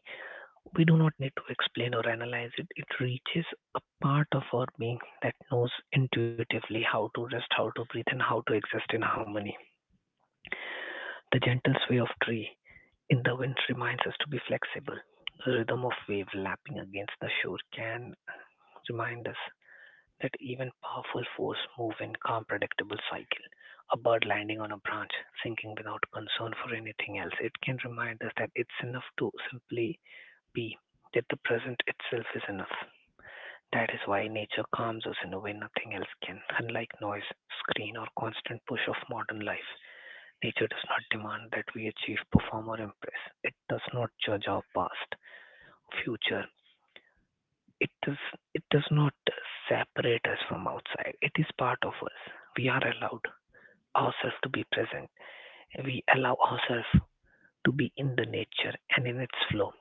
We do not need to explain or analyze it. It reaches a part of our being that knows intuitively how to rest, how to breathe, and how to exist in harmony. The gentle sway of tree, in the Wind reminds us to be flexible. The rhythm of wave lapping against the shore can remind us that even powerful force move in calm predictable cycle. A bird landing on a branch, sinking without concern for anything else, it can remind us that it's enough to simply be, that the present itself is enough. That is why nature calms us in a way nothing else can, unlike noise, screen, or constant push of modern life. Nature does not demand that we achieve, perform, or impress. It does not judge our past, future. It does, it does not separate us from outside. It is part of us. We are allowed ourselves to be present. We allow ourselves to be in the nature and in its flow.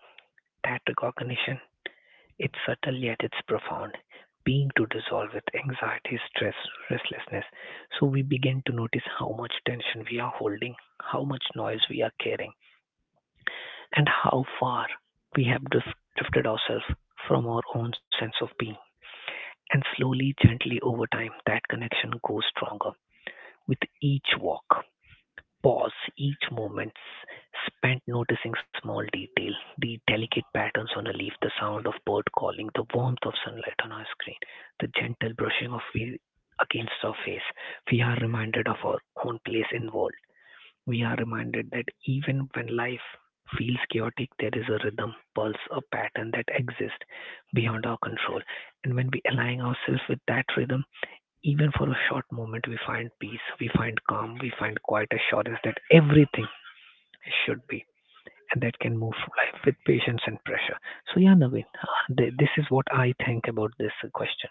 That recognition, it's subtle yet it's profound. Being to dissolve with anxiety, stress, restlessness. So we begin to notice how much tension we are holding, how much noise we are carrying, and how far drifted ourselves from our own sense of being. And slowly, gently, over time, that connection grows stronger with each walk, pause, each moment spent noticing small detail, the delicate patterns on a leaf, the sound of bird calling, the warmth of sunlight on our screen, the gentle brushing of wheel against our face. We are reminded of our own place in world, we are reminded that even when life feels chaotic, there is a rhythm, pulse, a pattern that exists beyond our control. And when we align ourselves with that rhythm, even for a short moment, we find peace, we find calm, we find quiet assurance that everything should be and that can move through life with patience and pressure. So, yeah, Naveen, this is what I think about this question.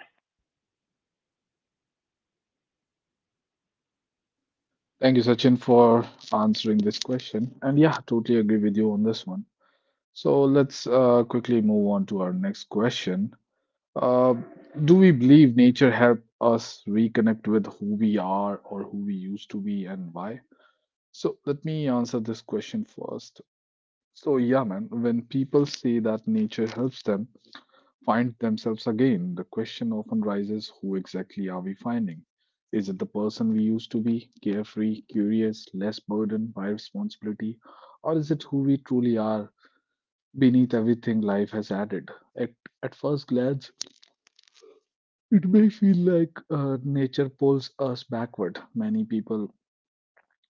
Thank you, Sachin, for answering this question. And yeah, totally agree with you on this one. So let's quickly move on to our next question. Uh, do we believe nature help us reconnect with who we are or who we used to be and why? So let me answer this question first. So, yeah, man, when people say that nature helps them find themselves again, the question often rises who exactly are we finding? Is it the person we used to be, carefree, curious, less burdened by responsibility? Or is it who we truly are beneath everything life has added? At, at first glance, it may feel like nature pulls us backward. Many people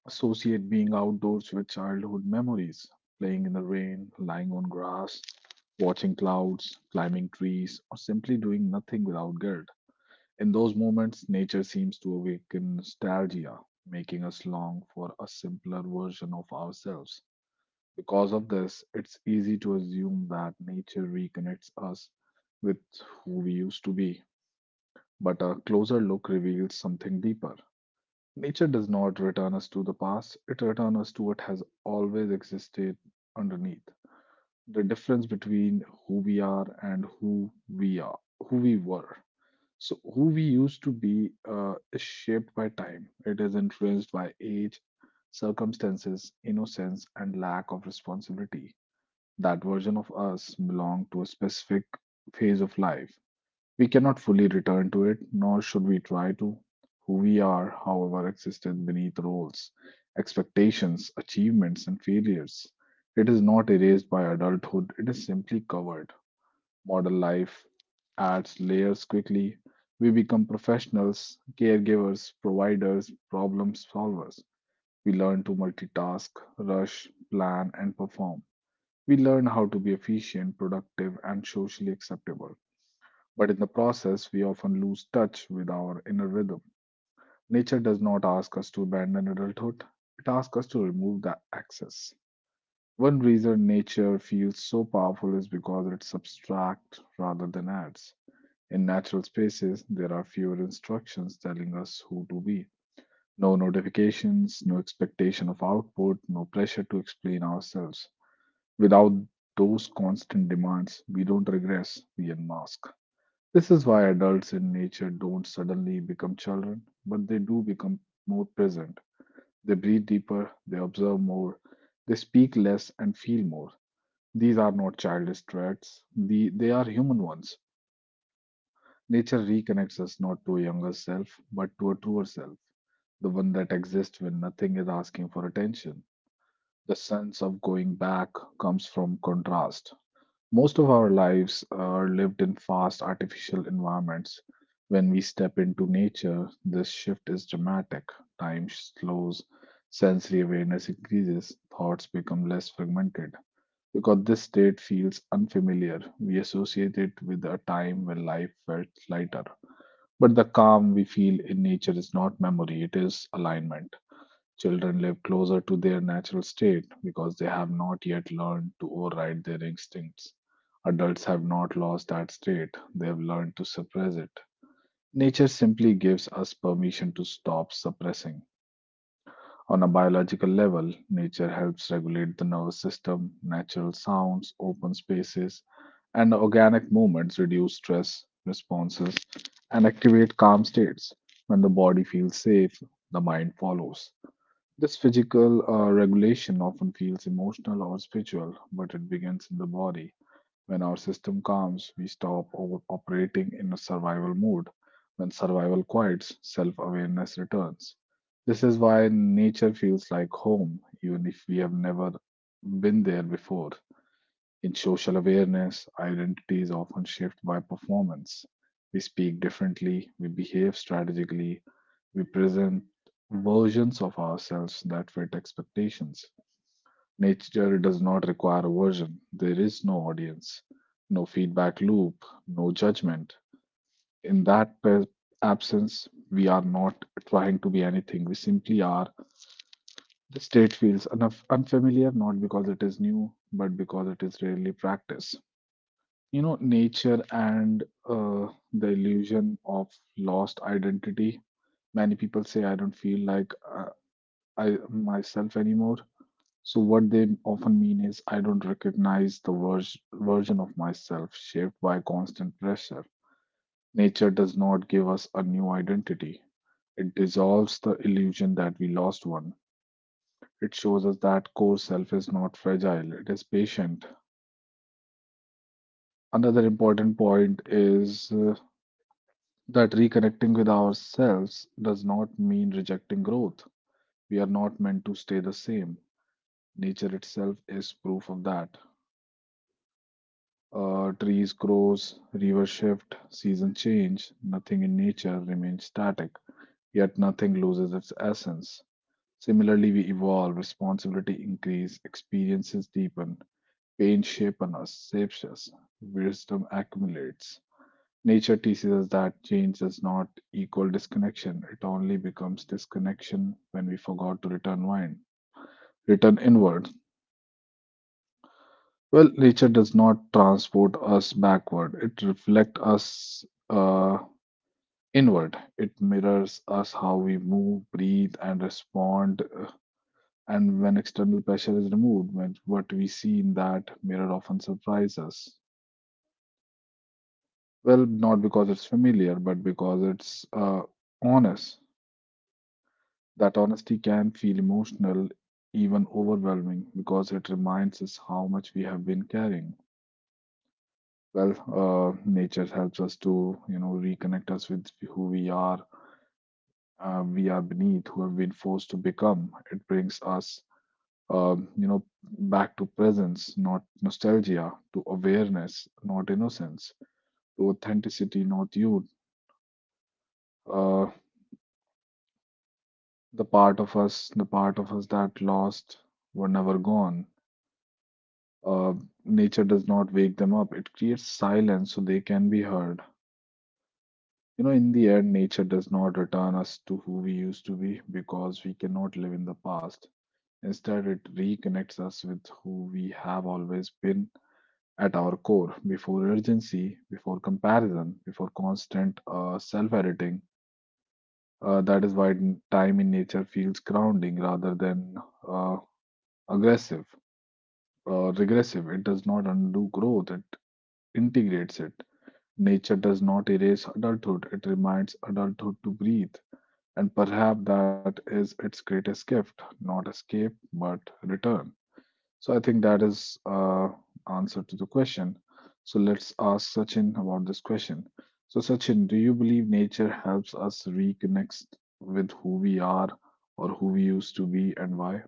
associate being outdoors with childhood memories, playing in the rain, lying on grass, watching clouds, climbing trees, or simply doing nothing without guilt. In those moments, nature seems to awaken nostalgia, making us long for a simpler version of ourselves. Because of this, it's easy to assume that nature reconnects us with who we used to be. But a closer look reveals something deeper. Nature does not return us to the past, it returns us to what has always existed underneath. The difference between who we are, who we were. So, who we used to be is shaped by time. It is influenced by age, circumstances, innocence, and lack of responsibility. That version of us belonged to a specific phase of life we cannot fully return to it, nor should we try to. Who we are, however, exists beneath roles, expectations, achievements, and failures. It is not erased by adulthood, it is simply covered. Modern life adds layers quickly. We become professionals, caregivers, providers, problem solvers. We learn to multitask, rush, plan, and perform. We learn how to be efficient, productive, and socially acceptable. But in the process, we often lose touch with our inner rhythm. Nature does not ask us to abandon adulthood, it asks us to remove the excess. One reason nature feels so powerful is because it subtracts rather than adds. In natural spaces, there are fewer instructions telling us who to be. No notifications, no expectation of output, no pressure to explain ourselves. Without those constant demands, we don't regress, we unmask. This is why adults in nature don't suddenly become children, but they do become more present. They breathe deeper, they observe more, they speak less and feel more. These are not childish traits, they are human ones. Nature reconnects us not to a younger self, but to a truer self, the one that exists when nothing is asking for attention. The sense of going back comes from contrast. Most of our lives are lived in fast, artificial environments. When we step into nature, this shift is dramatic. Time slows, sensory awareness increases, thoughts become less fragmented. Because this state feels unfamiliar, we associate it with a time when life felt lighter. But the calm we feel in nature is not memory, it is alignment. Children live closer to their natural state because they have not yet learned to override their instincts. Adults have not lost that state, they have learned to suppress it. Nature simply gives us permission to stop suppressing. On a biological level, nature helps regulate the nervous system, natural sounds, open spaces, and organic movements reduce stress responses and activate calm states. When the body feels safe, the mind follows. This physical regulation often feels emotional or spiritual, but it begins in the body. When our system calms, we stop over operating in a survival mode. When survival quiets, self awareness returns. This is why nature feels like home, even if we have never been there before. In social awareness, identity is often shaped by performance. We speak differently, we behave strategically, we present versions of ourselves that fit expectations. Nature does not require a version, there is no audience, no feedback loop, no judgment. In that per- absence, we are not trying to be anything, we simply are. The state feels enough unfamiliar, not because it is new, but because it is rarely practiced. Nature and the illusion of lost identity, many people say I don't feel like I myself anymore. So what they often mean is, I don't recognize the version of myself shaped by constant pressure. Nature does not give us a new identity. It dissolves the illusion that we lost one. It shows us that core self is not fragile, it is patient. Another important point is that reconnecting with ourselves does not mean rejecting growth. We are not meant to stay the same. Nature itself is proof of that. Trees grows, rivers shift, seasons change, nothing in nature remains static, yet nothing loses its essence. Similarly, we evolve, responsibility increase, experiences deepen, pain shapes us, wisdom accumulates. Nature teaches us that change does not equal disconnection. It only becomes disconnection when we forgot to return wine. Return inward. Well, nature does not transport us backward. It reflects us inward. It mirrors us how we move, breathe, and respond. And when external pressure is removed, when what we see in that mirror often surprises us. Well, not because it's familiar, but because it's honest. That honesty can feel emotional, even overwhelming, because it reminds us how much we have been carrying. Well, nature helps us to, reconnect us with who we are beneath, who have been forced to become. It brings us back to presence, not nostalgia, to awareness, not innocence, to authenticity, not youth. Uh, the part of us that lost were never gone. Uh, Nature does not wake them up. It creates silence so they can be heard. You know, in the end, nature does not return us to who we used to be because we cannot live in the past. Instead, it reconnects us with who we have always been at our core, before urgency, before comparison, before constant self editing. That is why time in nature feels grounding rather than uh, aggressive or regressive. It does not undo growth, it integrates it. Nature does not erase adulthood, it reminds adulthood to breathe. And perhaps that is its greatest gift, not escape, but return. So I think that is answer to the question. So let's ask Sachin about this question. So Sachin, do you believe nature helps us reconnect with who we are or who we used to be, and why?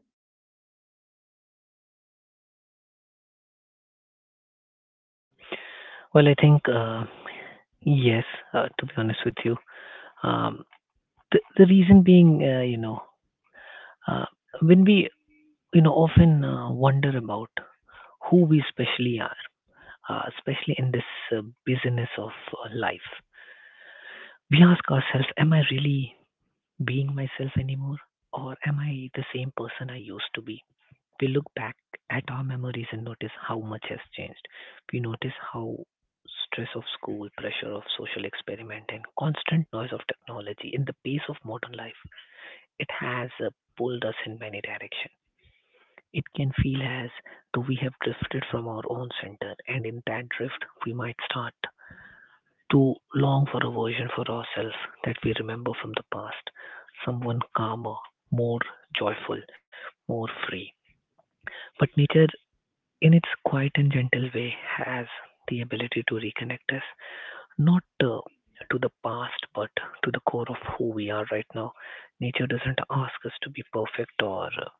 Well, I think, yes, to be honest with you, um, the reason being, you know, Uh, when we, you know, often wonder about who we especially are, especially in this business of life, we ask ourselves, am I really being myself anymore? Or am I the same person I used to be? We look back at our memories and notice how much has changed. We notice how stress of school, pressure of social experiment, and constant noise of technology in the pace of modern life, it has pulled us in many directions. It can feel as though we have drifted from our own center, and in that drift, we might start to long for a version for ourselves that we remember from the past, someone calmer, more joyful, more free. But nature, in its quiet and gentle way, has the ability to reconnect us, not to the past but to the core of who we are right now. Nature doesn't ask us to be perfect or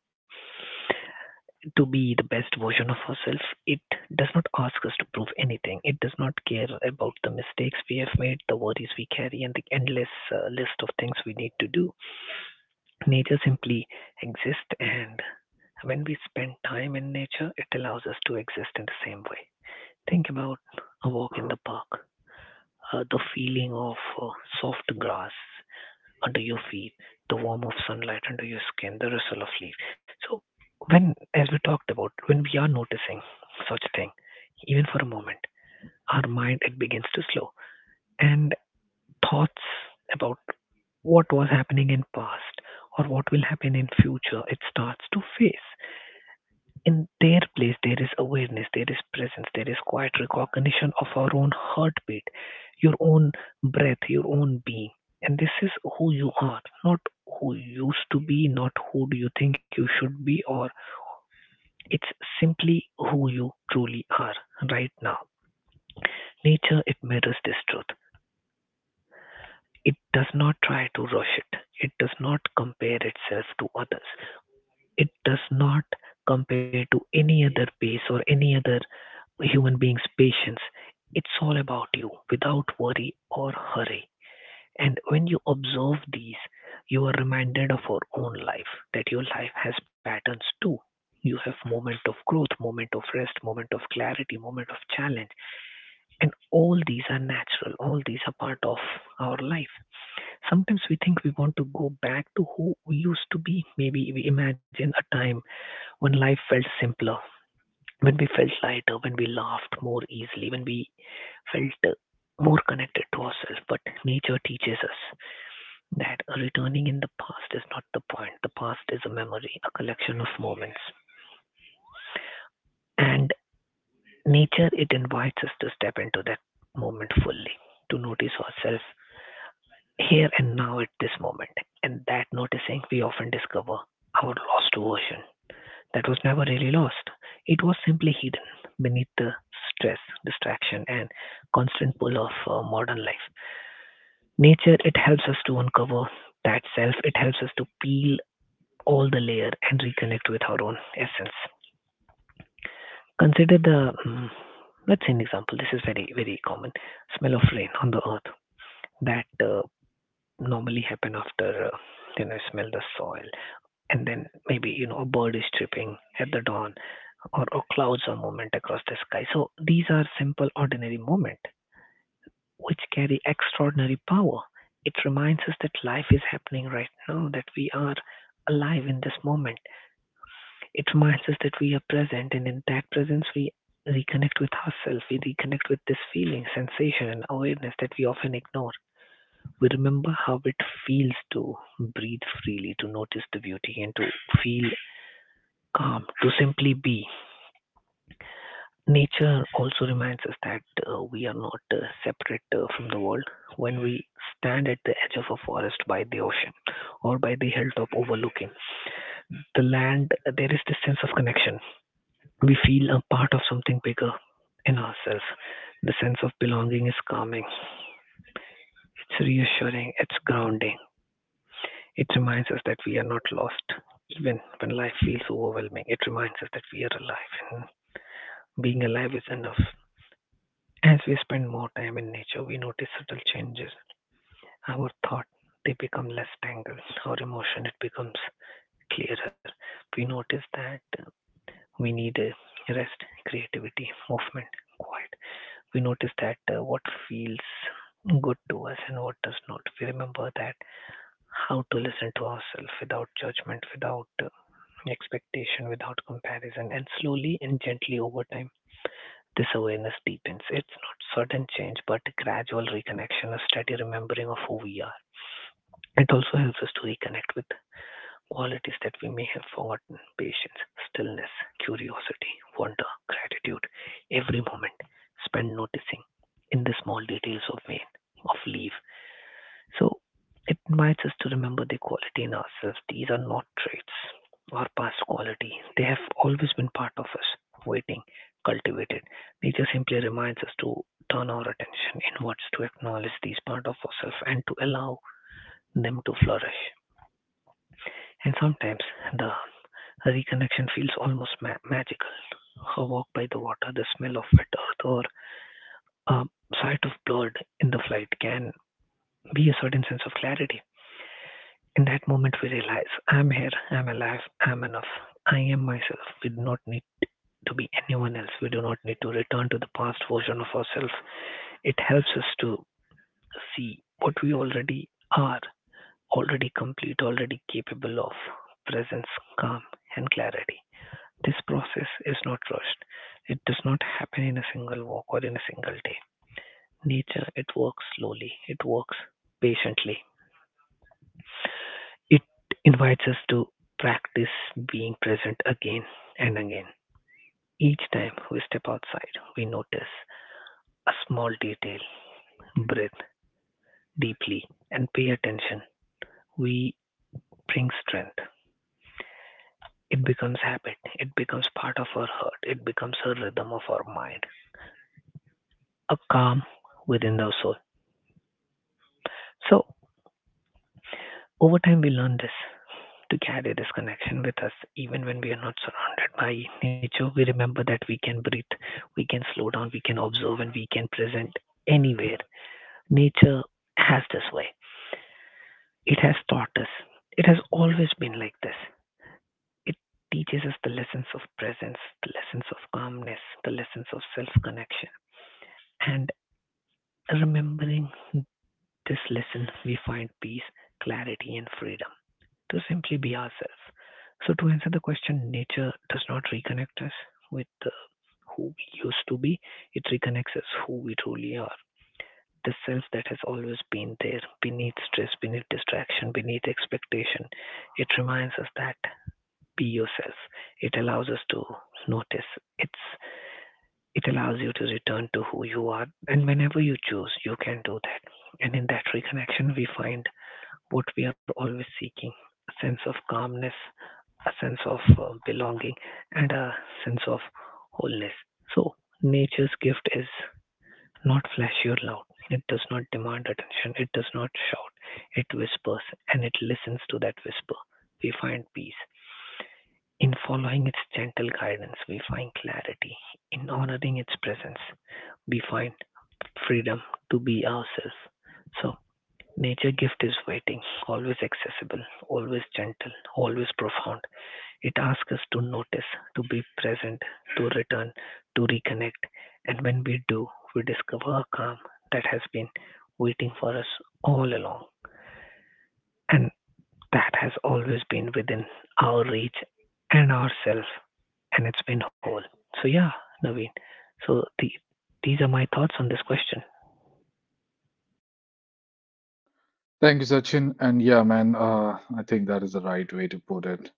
to be the best version of ourselves. It does not ask us to prove anything. It does not care about the mistakes we have made, the worries we carry, and the endless list of things we need to do. Nature simply exists, and when we spend time in nature, it allows us to exist in the same way. Think about a walk in the park, the feeling of soft grass, under your feet, the warmth of sunlight under your skin, the rustle of leaves. So when, as we talked about, when we are noticing such thing, even for a moment, our mind it begins to slow and thoughts about what was happening in past or what will happen in future it starts to face in their place, there is awareness, there is presence, there is quiet recognition of our own heartbeat, your own breath, your own being. And this is who you are, not who you used to be, not who do you think you should be, or it's simply who you truly are right now. Nature, it mirrors this truth. It does not try to rush it, it does not compare itself to others, it does not compare to any other pace or any other human beings patience, it's all about you without worry or hurry, and when you observe these you are reminded of your own life, that your life has patterns too. You have moment of growth, moment of rest, moment of clarity, moment of challenge, and all these are natural, all these are part of our life. Sometimes we think we want to go back to who we used to be, maybe we imagine a time when life felt simpler, when we felt lighter, when we laughed more easily, when we felt more connected to ourselves. But nature teaches us that returning in the past is not the point. The past is a memory, a collection of moments. And nature, it invites us to step into that moment fully, to notice ourselves here and now at this moment. And that noticing, we often discover our lost version that was never really lost. It was simply hidden beneath the stress, distraction, and constant pull of modern life. Nature, it helps us to uncover that self, it helps us to peel all the layer and reconnect with our own essence. Consider let's say an example, this is very, very common smell of rain on the earth that normally happen after, you know, smell the soil and then maybe, you know, a bird is chirping at the dawn or clouds are movement across the sky. So these are simple, ordinary moment, which carry extraordinary power. It reminds us that life is happening right now, that we are alive in this moment. It reminds us that we are present, and in that presence, we reconnect with ourselves, we reconnect with this feeling, sensation, and awareness that we often ignore. We remember how it feels to breathe freely, to notice the beauty, and to feel calm, to simply be. Nature also reminds us that we are not separate from the world. When we stand at the edge of a forest by the ocean or by the hilltop overlooking the land, there is this sense of connection. We feel a part of something bigger in ourselves. The sense of belonging is calming, it's reassuring, it's grounding. It reminds us that we are not lost. Even when life feels overwhelming, it reminds us that we are alive and being alive is enough. As we spend more time in nature, we notice subtle changes. Our thought, they become less tangled. Our emotion, it becomes clearer. We notice that we need rest, creativity, movement, quiet. We notice that what feels good to us and what does not. We remember that how to listen to ourselves without judgment, without expectation, without comparison, and slowly and gently over time this awareness deepens. It's not sudden change, but gradual reconnection, a steady remembering of who we are. It also helps us to reconnect with qualities that we may have forgotten patience, stillness, curiosity, wonder, gratitude. Every moment spent noticing in the small details of vein, of leaf, so it reminds us to remember the quality in ourselves. These are not traits, our past quality. They have always been part of us, waiting, cultivated. Nature simply reminds us to turn our attention inwards, to acknowledge these part of ourselves, and to allow them to flourish. And sometimes the reconnection feels almost magical. A walk by the water, the smell of wet earth, or a sight of blood in the flight can be a certain sense of clarity. In that moment, we realize I'm here, I'm alive, I'm enough, I am myself. We do not need to be anyone else. We do not need to return to the past version of ourselves. It helps us to see what we already are, already complete, already capable of presence, calm, and clarity. This process is not rushed. It does not happen in a single walk or in a single day. Nature, it works slowly, it works patiently. It invites us to practice being present again and again. Each time we step outside, we notice a small detail, breathe deeply, and pay attention. We bring strength. It becomes habit. It becomes part of our heart. It becomes a rhythm of our mind, a calm within our soul. So, over time, we learn this to carry this connection with us. Even when we are not surrounded by nature, we remember that we can breathe, we can slow down, we can observe, and we can present anywhere. Nature has this way. It has taught us. It has always been like this. It teaches us the lessons of presence, the lessons of calmness, the lessons of self connection. And remembering this lesson, we find peace, clarity, and freedom. To simply be ourselves. So, to answer the question, nature does not reconnect us with who we used to be, it reconnects us who we truly are. The self that has always been there beneath stress, beneath distraction, beneath expectation. It reminds us that be yourself. It allows us to notice. It's it allows you to return to who you are and whenever you choose you can do that. And in that reconnection we find what we are always seeking, a sense of calmness, a sense of belonging, and a sense of wholeness. So, nature's gift is not flashy or loud. It does not demand attention, it does not shout, it whispers, and it listens to that whisper. We find peace. In following its gentle guidance, we find clarity. In honoring its presence, we find freedom to be ourselves. So, nature gift is waiting, always accessible, always gentle, always profound. It asks us to notice, to be present, to return, to reconnect. And when we do, we discover a calm that has been waiting for us all along and that has always been within our reach and ourself and it's been whole. So yeah, Naveen. So these are my thoughts on this question.
Thank you, Sachin. And yeah, man, I think that is the right way to put it.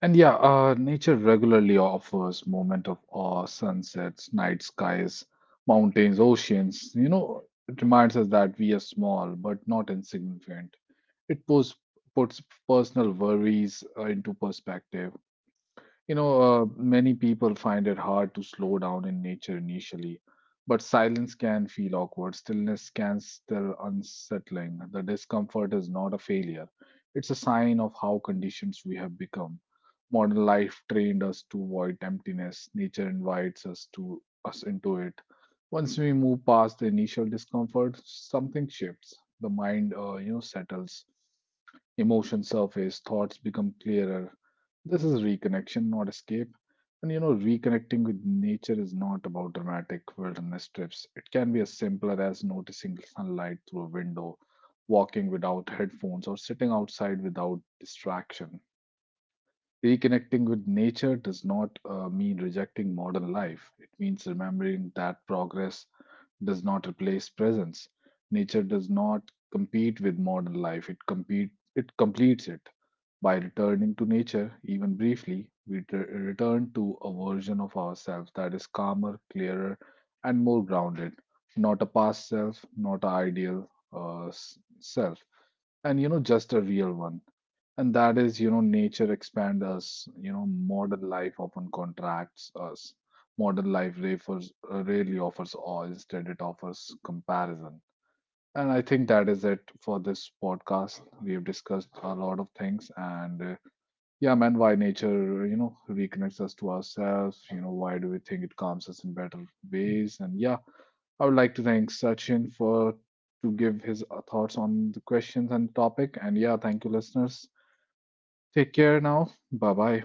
And yeah, nature regularly offers moment of awe, sunsets, night skies, mountains, oceans. You know, it reminds us that we are small but not insignificant. It pos- puts personal worries into perspective. You know, many people find it hard to slow down in nature initially, but silence can feel awkward. Stillness can still unsettling. The discomfort is not a failure, it's a sign of how conditions we have become. Modern life trained us to avoid emptiness, nature invites us to us into it. Once we move past the initial discomfort, something shifts. The mind, you know, settles, emotions surface, thoughts become clearer, this is reconnection, not escape. And you know, reconnecting with nature is not about dramatic wilderness trips. It can be as simple as noticing sunlight through a window, walking without headphones, or sitting outside without distraction. Reconnecting with nature does not mean rejecting modern life. It means remembering that progress does not replace presence. Nature does not compete with modern life. It completes it. By returning to nature, even briefly, return to a version of ourselves that is calmer, clearer, and more grounded. Not a past self, not an ideal self, and you know, just a real one. And that is, you know, nature expands us. You know, modern life often contracts us. Modern life refers, rarely offers awe, instead, it offers comparison. And I think that is it for this podcast. We have discussed a lot of things, and yeah, man, why nature, you know, reconnects us to ourselves. You know, why do we think it calms us in better ways? And yeah, I would like to thank Sachin for to give his thoughts on the questions and topic. And yeah, thank you, listeners. Take care now. Bye bye.